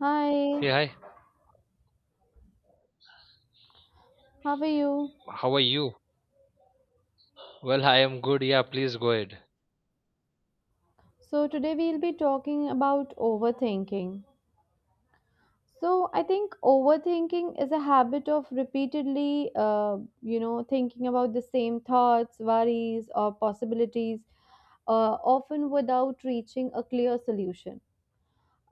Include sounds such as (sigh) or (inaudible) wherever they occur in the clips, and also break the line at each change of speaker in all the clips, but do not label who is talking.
Hi,
Hey, hi.
how are you?
How are you? Well, I am good. Yeah, please go ahead.
So, today we'll be talking about overthinking. So, I think overthinking is a habit of repeatedly, thinking about the same thoughts, worries, or possibilities, often without reaching a clear solution.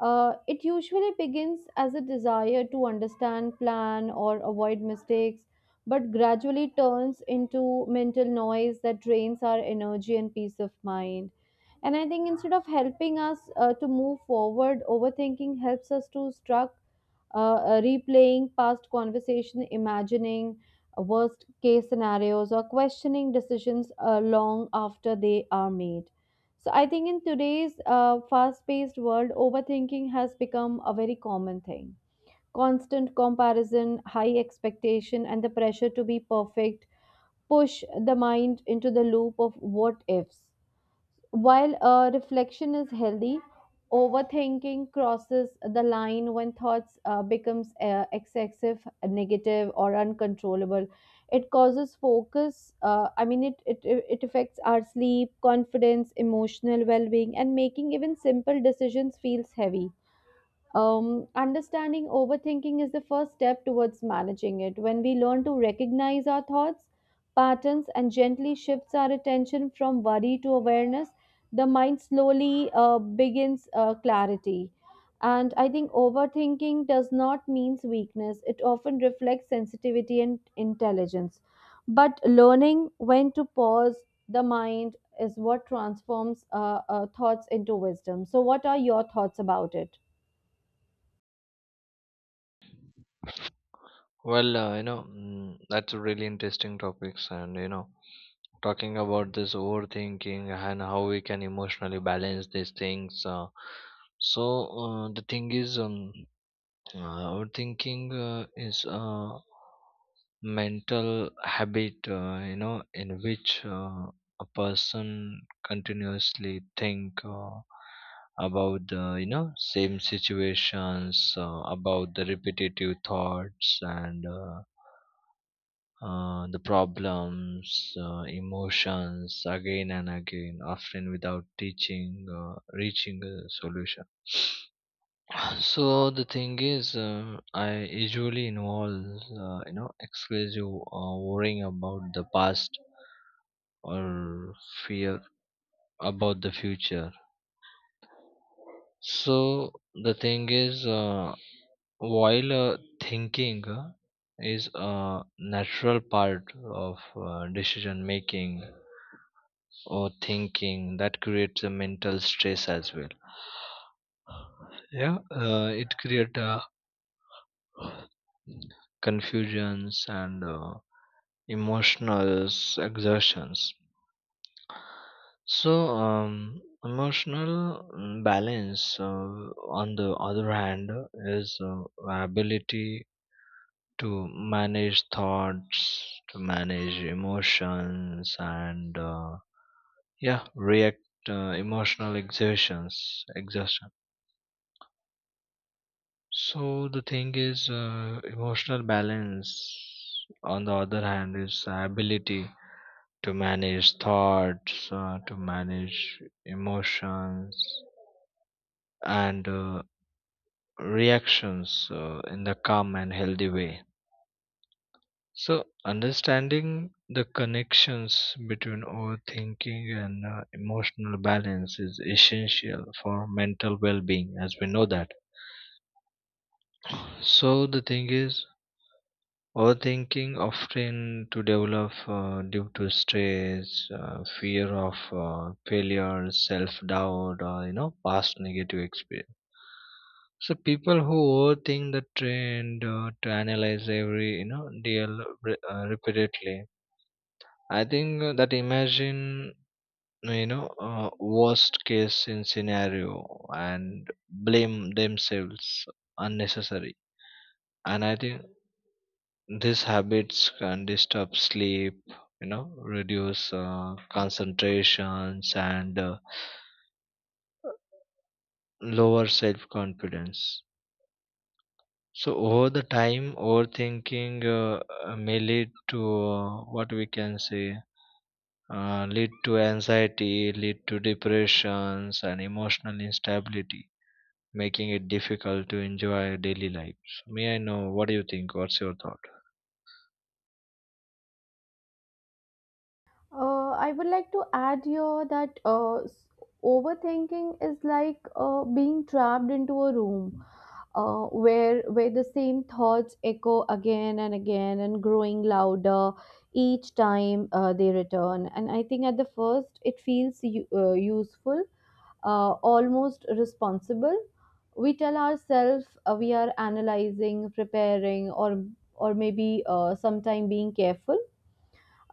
It usually begins as a desire to understand, plan, or avoid mistakes, but gradually turns into mental noise that drains our energy and peace of mind. And I think instead of helping us to move forward, overthinking helps us to struck, replaying past conversation, imagining worst case scenarios or questioning decisions long after they are made. So I think in today's fast paced world, overthinking has become a very common thing. Constant comparison, high expectation, and the pressure to be perfect push the mind into the loop of what ifs. While reflection is healthy, overthinking crosses the line when thoughts becomes excessive, negative, or uncontrollable. It causes focus. I mean, it affects our sleep, confidence, emotional well-being, and making even simple decisions feels heavy. Understanding overthinking is the first step towards managing it. When we learn to recognize our thoughts, patterns, and gently shifts our attention from worry to awareness, the mind slowly begins clarity. And I think overthinking does not mean weakness. It often reflects sensitivity and intelligence. But learning when to pause the mind is what transforms thoughts into wisdom. So, what are your thoughts about it?
Well, that's a really interesting topics, and talking about this overthinking and how we can emotionally balance these things. So the thing is, overthinking is a mental habit, in which a person continuously think about the, same situations, about the repetitive thoughts and the problems, emotions again and again, often without teaching, reaching a solution. So the thing is, I usually involve, exclusive worrying about the past or fear about the future. So the thing is, while thinking is a natural part of decision making, or thinking that creates a mental stress as well. Yeah, it creates a confusions and emotional exertions. So emotional balance, on the other hand, is ability to manage thoughts, to manage emotions, and yeah, react emotional exertion. So the thing is, emotional balance, on the other hand, is ability to manage thoughts, to manage emotions and reactions in the calm and healthy way. So, understanding the connections between overthinking and emotional balance is essential for mental well being, as we know that. So, the thing is, overthinking often to develop due to stress, fear of failure, self-doubt, or past negative experience. So people who overthink the trend to analyze every deal repeatedly. I think that imagine worst case in scenario and blame themselves unnecessary. And I think these habits can disturb sleep, reduce concentrations and lower self confidence. So over the time, overthinking may lead to what we can say lead to anxiety, lead to depressions and emotional instability, making it difficult to enjoy daily life. So may I know what do you think? What's your thought?
I would like to add here that overthinking is like being trapped into a room where the same thoughts echo again and again and growing louder each time they return. And I think at the first it feels useful, almost responsible. We tell ourselves we are analyzing, preparing, or maybe sometime being careful,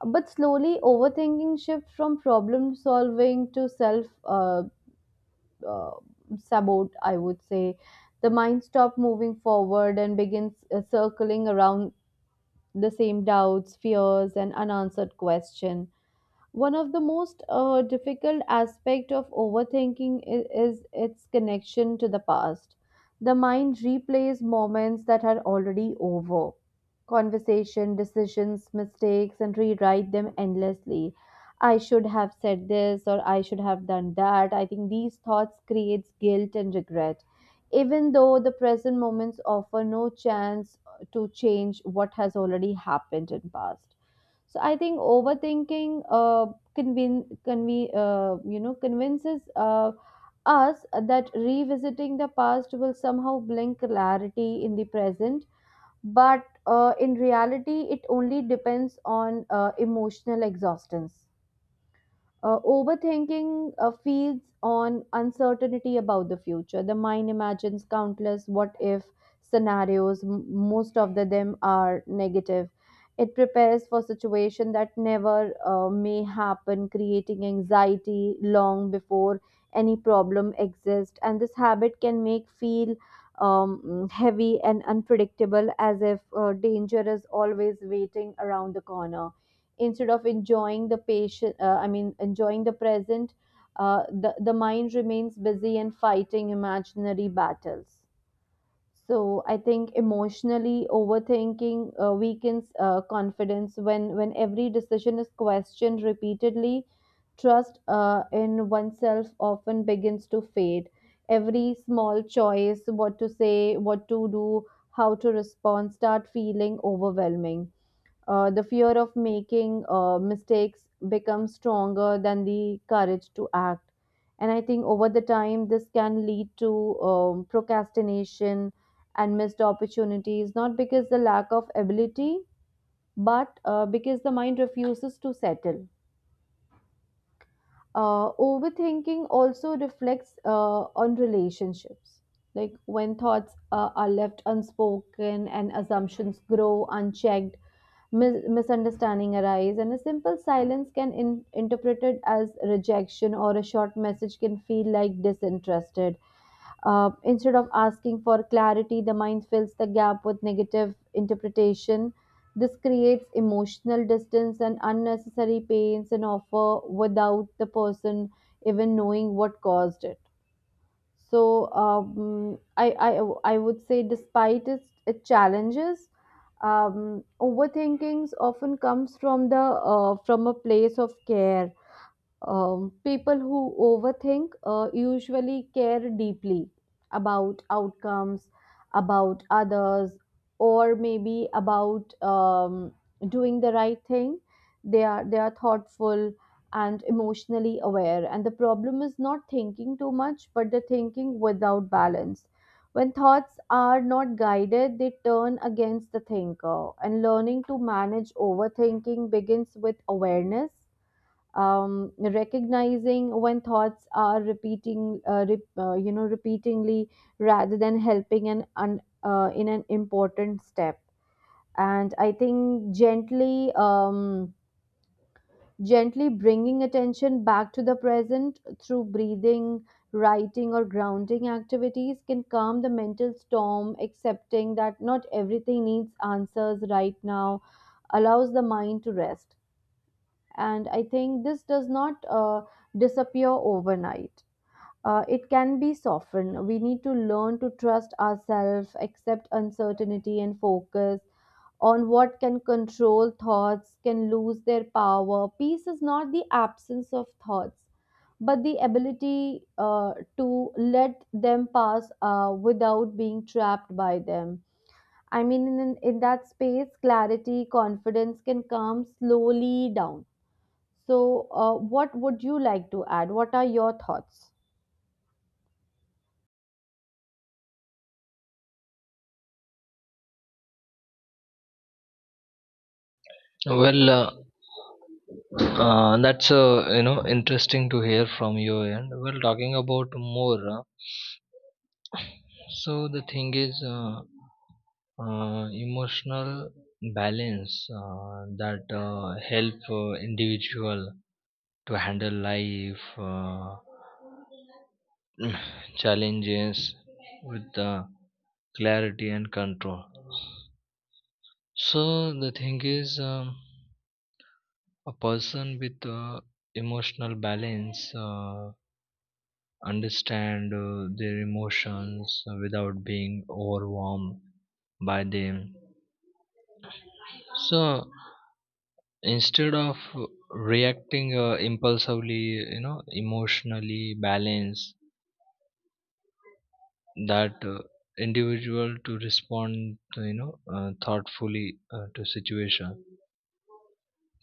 but slowly, overthinking shifts from problem solving to self, uh, sabote, I would say. The mind stops moving forward and begins circling around the same doubts, fears, and unanswered question. One of the most difficult aspect of overthinking is its connection to the past. The mind replays moments that are already over. Conversation, decisions, mistakes, and rewrite them endlessly. I should have said this or I should have done that. I think these thoughts creates guilt and regret. Even though the present moments offer no chance to change what has already happened in past. So I think overthinking convinces us that revisiting the past will somehow bring clarity in the present, but in reality, it only depends on emotional exhaustion. Overthinking feeds on uncertainty about the future. The mind imagines countless what if scenarios, most of them are negative. It prepares for situation that never may happen, creating anxiety long before any problem exists. And this habit can make feel heavy and unpredictable, as if danger is always waiting around the corner, instead of enjoying the patient, I mean enjoying the present. The mind remains busy and fighting imaginary battles. So I think emotionally overthinking weakens confidence. When every decision is questioned repeatedly, trust in oneself often begins to fade. Every small choice, what to say, what to do, how to respond, start feeling overwhelming. The fear of making mistakes becomes stronger than the courage to act. And I think over the time, this can lead to procrastination and missed opportunities, not because the lack of ability, but because the mind refuses to settle. Overthinking also reflects on relationships. Like when thoughts are left unspoken and assumptions grow unchecked, misunderstanding arise, and a simple silence can interpreted as rejection, or a short message can feel like disinterested. Instead of asking for clarity, the mind fills the gap with negative interpretation. This creates emotional distance and unnecessary pains and offer without the person even knowing what caused it. So I would say, despite its challenges, overthinkings often comes from the from a place of care. People who overthink usually care deeply about outcomes, about others, or maybe about doing the right thing. They are thoughtful and emotionally aware. And the problem is not thinking too much, but the thinking without balance. When thoughts are not guided, they turn against the thinker. And learning to manage overthinking begins with awareness, recognizing when thoughts are repeating repeatingly rather than helping, an in an important step. And I think gently bringing attention back to the present through breathing, writing, or grounding activities can calm the mental storm. Accepting that not everything needs answers right now allows the mind to rest. And I think this does not disappear overnight. It can be softened. We need to learn to trust ourselves, accept uncertainty, and focus on what can control. Thoughts can lose their power. Peace is not the absence of thoughts, but the ability to let them pass without being trapped by them. I mean, in that space, clarity, confidence can come slowly down. So, what would you like to add? What are your thoughts?
Well, that's interesting to hear from your end. Well, talking about more, so the thing is, emotional balance that help individual to handle life (sighs) (clears throat) challenges with clarity and control. So the thing is. A person with emotional balance understand their emotions without being overwhelmed by them. So instead of reacting impulsively, emotionally balance that individual to respond, to, thoughtfully to situation.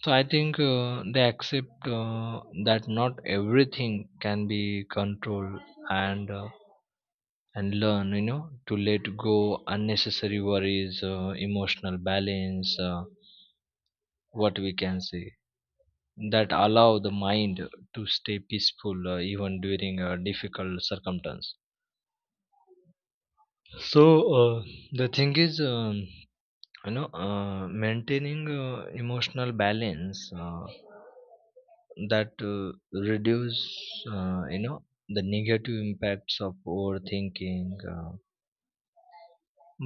So I think they accept that not everything can be controlled, and uh, and learn to let go unnecessary worries. Emotional balance, what we can say, that allow the mind to stay peaceful even during a difficult circumstance. So uh, the thing is, maintaining emotional balance that reduce uh, you know the negative impacts of overthinking. uh,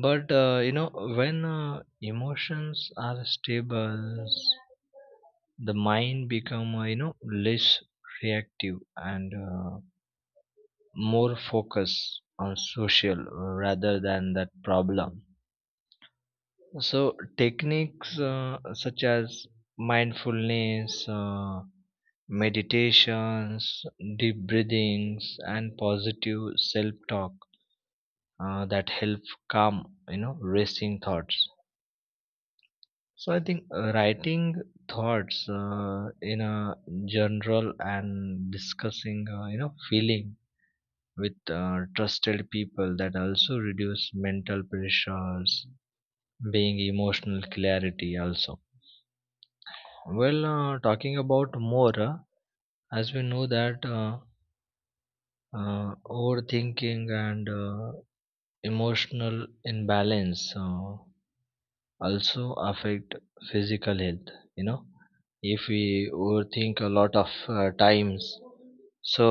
But when emotions are stable, the mind become less reactive and more focused on social rather than that problem. So techniques such as mindfulness, meditations, deep breathings, and positive self-talk that help calm racing thoughts. So I think writing thoughts in a general and discussing, feeling with trusted people that also reduce mental pressures, being emotional clarity also. Well, talking about more, as we know that overthinking and emotional imbalance. Also affect physical health, you know if we overthink a lot of times, so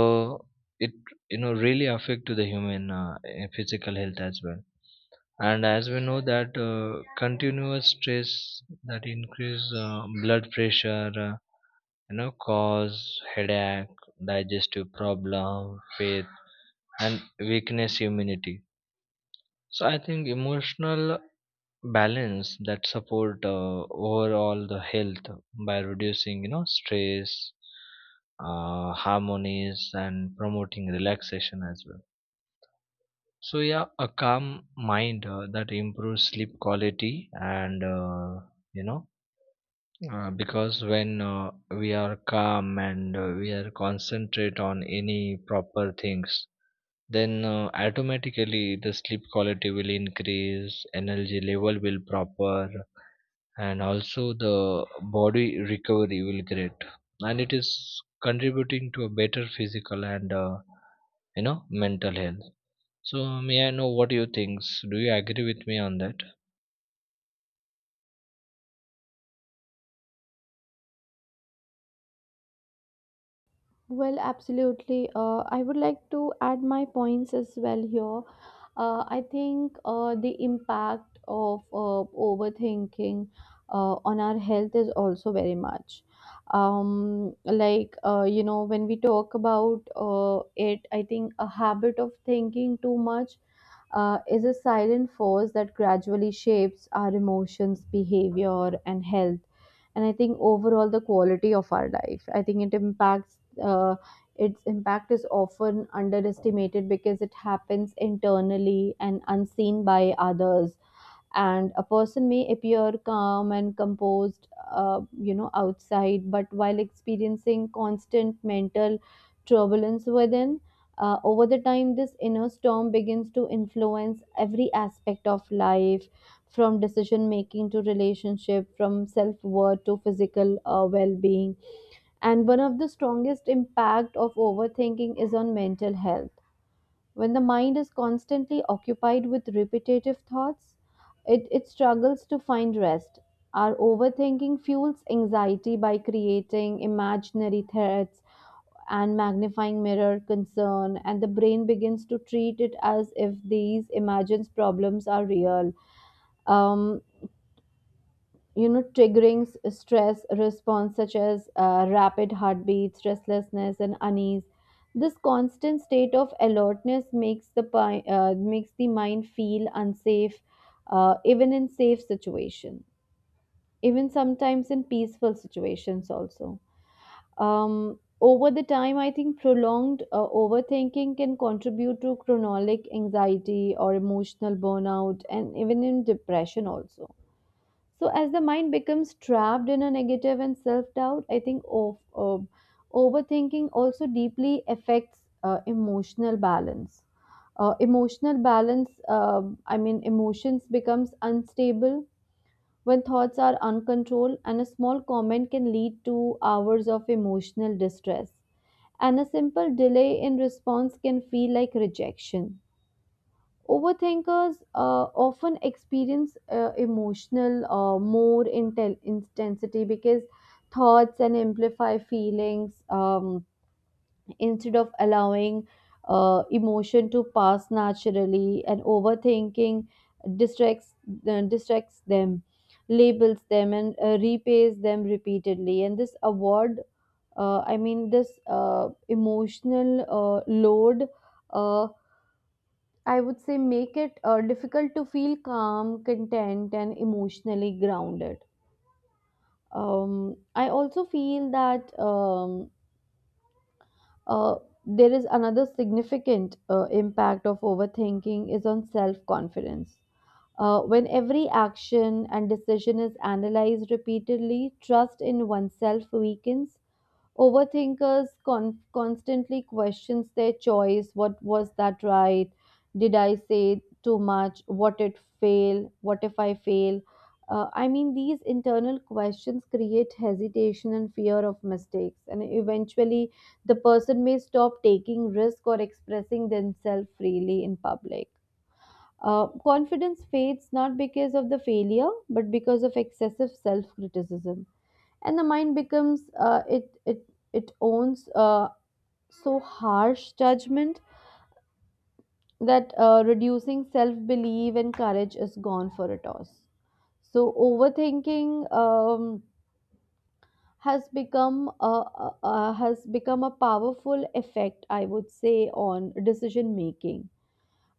it really affect to the human physical health as well. And as we know that continuous stress that increase blood pressure, cause headache, digestive problem faith, and weakness immunity. So I think emotional balance that support overall the health by reducing stress harmonies and promoting relaxation as well. So yeah, a calm mind that improves sleep quality, and you know because when we are calm and we are concentrate on any proper things, then automatically the sleep quality will increase, energy level will proper, and also the body recovery will great. And it is contributing to a better physical and mental health. So may I know what you think? Do you agree with me on that?
Well, absolutely. I would like to add my points as well here. I think the impact of overthinking on our health is also very much. Like, when we talk about it, I think a habit of thinking too much is a silent force that gradually shapes our emotions, behavior, and health. And I think overall the quality of our life. I think it impacts. Its impact is often underestimated because it happens internally and unseen by others, and a person may appear calm and composed outside but while experiencing constant mental turbulence within. Over the time, this inner storm begins to influence every aspect of life, from decision making to relationship, from self-worth to physical well-being. And one of the strongest impact of overthinking is on mental health. When the mind is constantly occupied with repetitive thoughts, it struggles to find rest. Our overthinking fuels anxiety by creating imaginary threats and magnifying mirror concern, and the brain begins to treat it as if these imagined problems are real. Um, triggering stress response such as rapid heartbeats, restlessness, and unease. This constant state of alertness makes the makes the mind feel unsafe, even in safe situations, even sometimes in peaceful situations also. um, over the time I think prolonged overthinking can contribute to chronic anxiety or emotional burnout, and even in depression also. So as the mind becomes trapped in a negative and self-doubt, I think of overthinking also deeply affects emotional balance. Emotional balance, I mean, emotions becomes unstable when thoughts are uncontrolled, and a small comment can lead to hours of emotional distress. And a simple delay in response can feel like rejection. Overthinkers often experience emotional more intensity because thoughts and amplify feelings. Instead of allowing emotion to pass naturally. And overthinking distracts distracts them, labels them, and repays them repeatedly. And this award, I mean, this emotional load. Uh, I would say make it difficult to feel calm, content, and emotionally grounded. I also feel that uh, there is another significant impact of overthinking is on self-confidence. When every action and decision is analyzed repeatedly, trust in oneself weakens. Overthinkers constantly questions their choice. What was that right? Did I say too much? What it fail? What if I fail? I mean, these internal questions create hesitation and fear of mistakes, and eventually, the person may stop taking risk or expressing themselves freely in public. Confidence fades not because of the failure, but because of excessive self criticism. And the mind becomes it owns so harsh judgment that reducing self belief and courage is gone for a toss. So overthinking um, has become a has become a powerful effect, I would say, on decision making.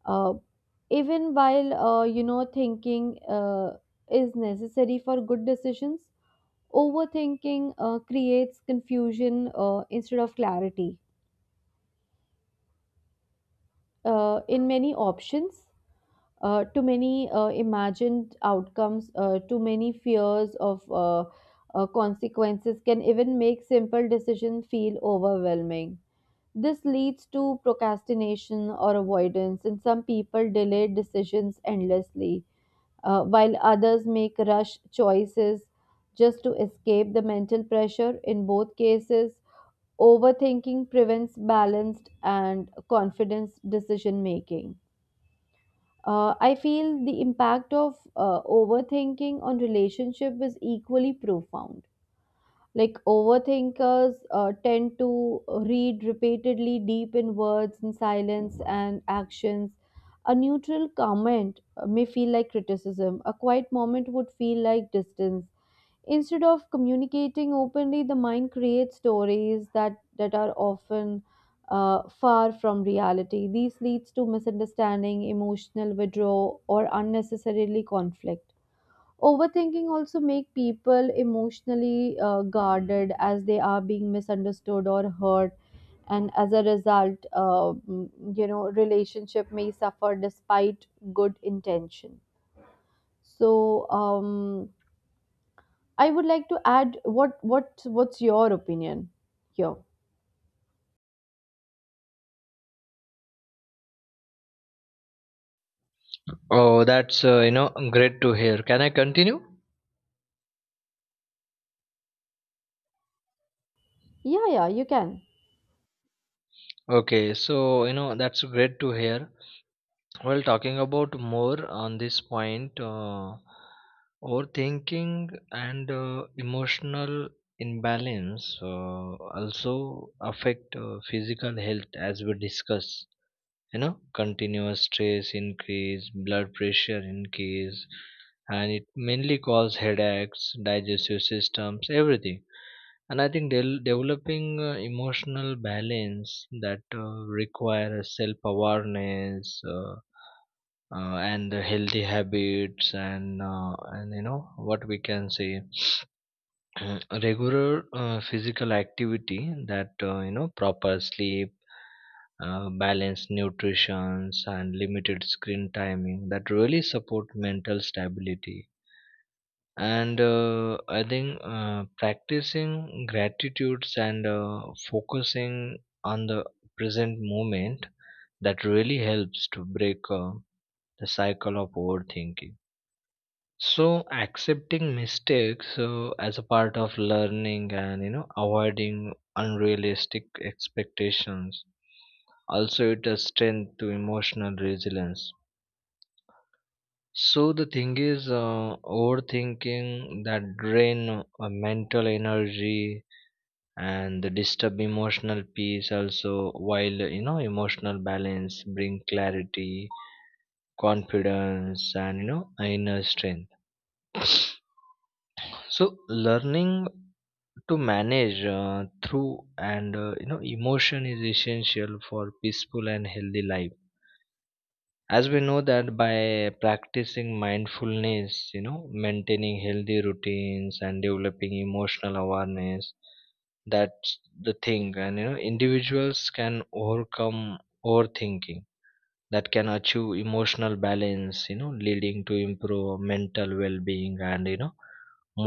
uh, even while thinking uh, is necessary for good decisions. Overthinking creates confusion instead of clarity. In many options, too many imagined outcomes, too many fears of consequences can even make simple decisions feel overwhelming. This leads to procrastination or avoidance, and some people delay decisions endlessly, while others make rush choices just to escape the mental pressure. In both cases, overthinking prevents balanced and confidence decision making. I feel the impact of overthinking on relationship is equally profound. Like overthinkers tend to read repeatedly deep in words and silence and actions. A neutral comment may feel like criticism. A quiet moment would feel like distance. Instead of communicating openly, the mind creates stories that are often far from reality. This leads to misunderstanding, emotional withdrawal, or unnecessarily conflict. Overthinking also make people emotionally guarded as they are being misunderstood or hurt, and as a result, you know relationship may suffer despite good intention. so um I would like to add, what's your opinion here?
Oh, that's great to hear. Can I continue?
Yeah, yeah, you can.
Okay, so that's great to hear. Well, talking about more on this point, overthinking and emotional imbalance also affect physical health, as we discussed. you know Continuous stress increase blood pressure increase, and it mainly cause headaches, digestive systems, everything. And I think developing emotional balance that require self awareness, and the healthy habits, and what we can say, regular physical activity, that proper sleep, balanced nutrition, and limited screen timing that really support mental stability. And I think practicing gratitudes and focusing on the present moment that really helps to break the cycle of overthinking. So accepting mistakes as a part of learning and avoiding unrealistic expectations also it is strength to emotional resilience. So the thing is, overthinking that drain mental energy and the disturb emotional peace also, while emotional balance bring clarity, confidence, and inner strength. So learning to manage through and emotion is essential for peaceful and healthy life. As we know that, by practicing mindfulness, maintaining healthy routines and developing emotional awareness, that's the thing, and individuals can overcome overthinking, that can achieve emotional balance, leading to improve mental well-being and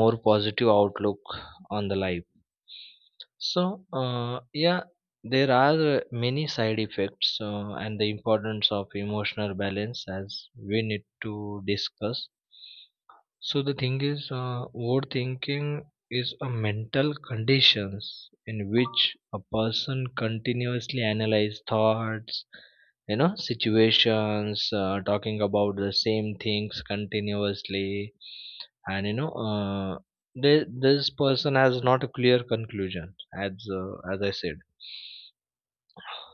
more positive outlook on the life. So uh, yeah, there are many side effects and the importance of emotional balance as we need to discuss. So the thing is, overthinking is a mental conditions in which a person continuously analyze thoughts, situations, talking about the same things continuously, and this person has not a clear conclusion, as as I said.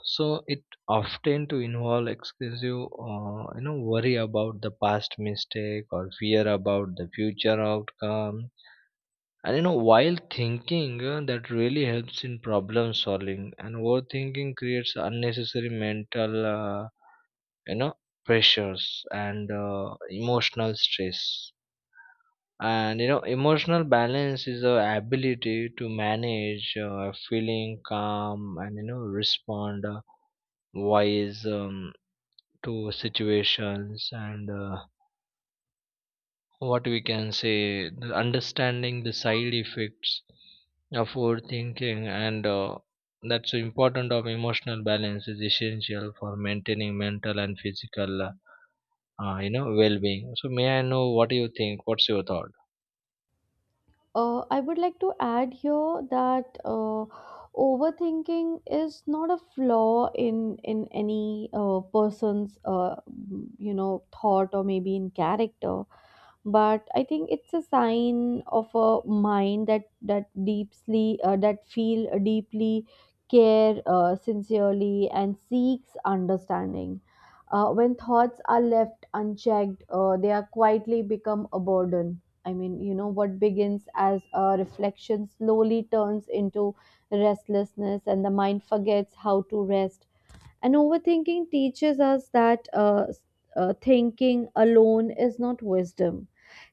So it often to involve excessive, worry about the past mistake or fear about the future outcome. And while thinking that really helps in problem solving, and overthinking creates unnecessary mental, you know, pressures and emotional stress. And emotional balance is the ability to manage feeling calm and respond wise. To situations and what we can say, the understanding the side effects of overthinking and that's important of emotional balance is essential for maintaining mental and physical well-being. So may I know what do you think? What's your thought?
I would like to add here that overthinking is not a flaw in any person's you know thought or maybe in character. But I think it's a sign of a mind that deeply that feel deeply care, sincerely, and seeks understanding. When thoughts are left unchecked, they are quietly become a burden. I mean, you know, what begins as a reflection slowly turns into restlessness, and the mind forgets how to rest. And overthinking teaches us that thinking alone is not wisdom.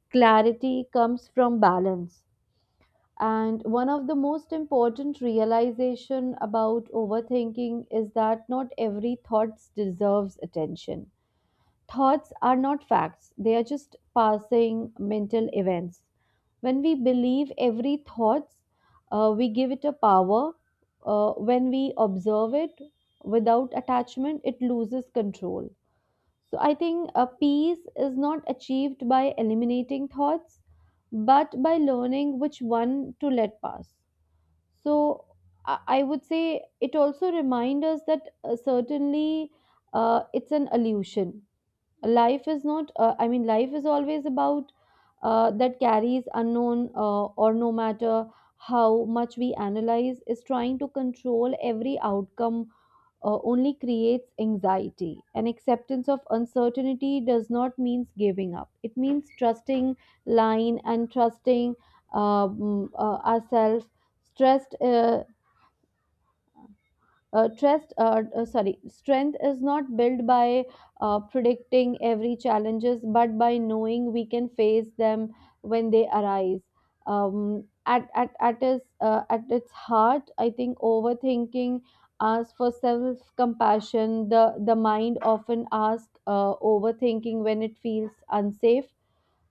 Clarity comes from balance. And one of the most important realization about overthinking is that not every thought deserves attention. Thoughts are not facts, they are just passing mental events. When we believe every thoughts, we give it a power. When we observe it without attachment, it loses control. So I think a peace is not achieved by eliminating thoughts, but by learning which one to let pass. so i I would say it also reminds us that certainly it's an illusion. Life is not life is always about that carries unknown, or no matter how much we analyze is trying to control every outcome, only creates anxiety. And acceptance of uncertainty does not means giving up, it means trusting line and trusting ourselves. Stressed uh, uh, trust uh, uh, sorry strength is not built by predicting every challenges, but by knowing we can face them when they arise. At its heart, I think overthinking asks for self-compassion. The mind often asks overthinking when it feels unsafe,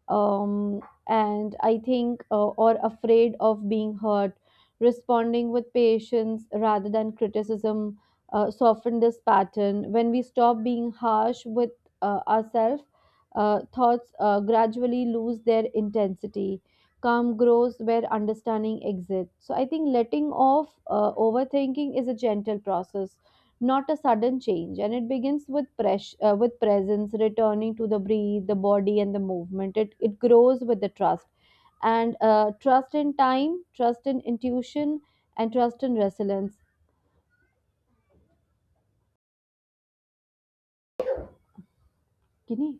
um, and I think or afraid of being hurt. Responding with patience rather than criticism soften this pattern. When we stop being harsh with ourselves, thoughts gradually lose their intensity. Calm grows where understanding exists. So I think letting off overthinking is a gentle process, not a sudden change, and it begins with with presence, returning to the breathe, the body, and the movement. It grows with the trust, and trust in time, trust in intuition, and trust in resilience. Kini,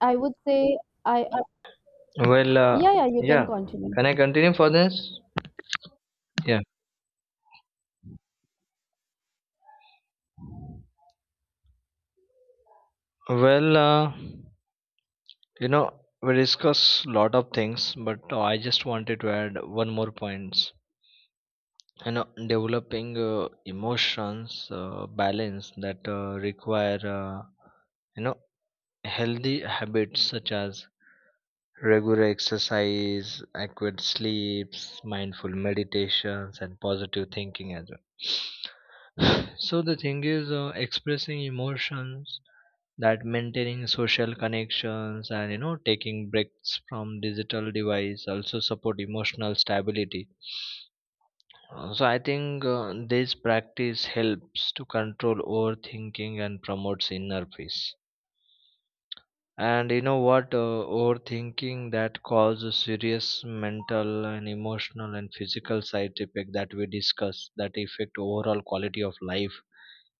I would say I
Well,
yeah, yeah, you
yeah,
can continue.
can I continue for this? Yeah. Well, you know we discuss lot of things, but I just wanted to add one more points. And developing emotions balance that require you know healthy habits such as regular exercise, adequate sleeps, mindful meditations, and positive thinking as well. (sighs) (sniffs) So the thing is, expressing emotions, that maintaining social connections and taking breaks from digital device also support emotional stability. So I think this practice helps to control overthinking and promotes inner peace. And you know what? Overthinking that causes serious mental and emotional and physical side effect that we discussed that affect overall quality of life.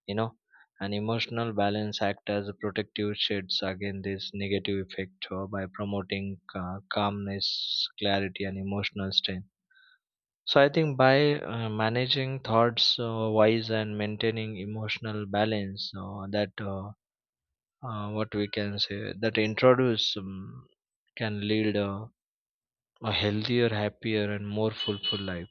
You know, and emotional balance act as a protective shades against this negative effect by promoting calmness, clarity, and emotional strength. So I think by managing thoughts wise and maintaining emotional balance, that what we can say, that introduce, can lead a healthier, happier, and more fulfilled life.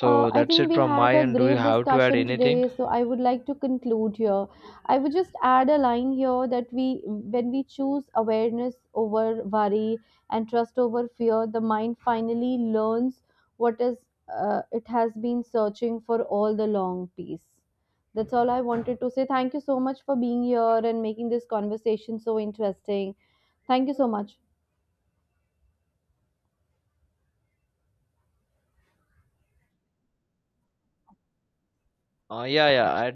I
that's
think
it
we
from
had
my
a
end. Do you
great
have to add
discussion
anything?
today, so I would like to conclude here. I would just add a line here that we, when we choose awareness over worry and trust over fear, the mind finally learns what is it has been searching for all the long piece. That's all I wanted to say. Thank you so much for being here and making this conversation so interesting. Thank you so much.
Yeah, yeah. At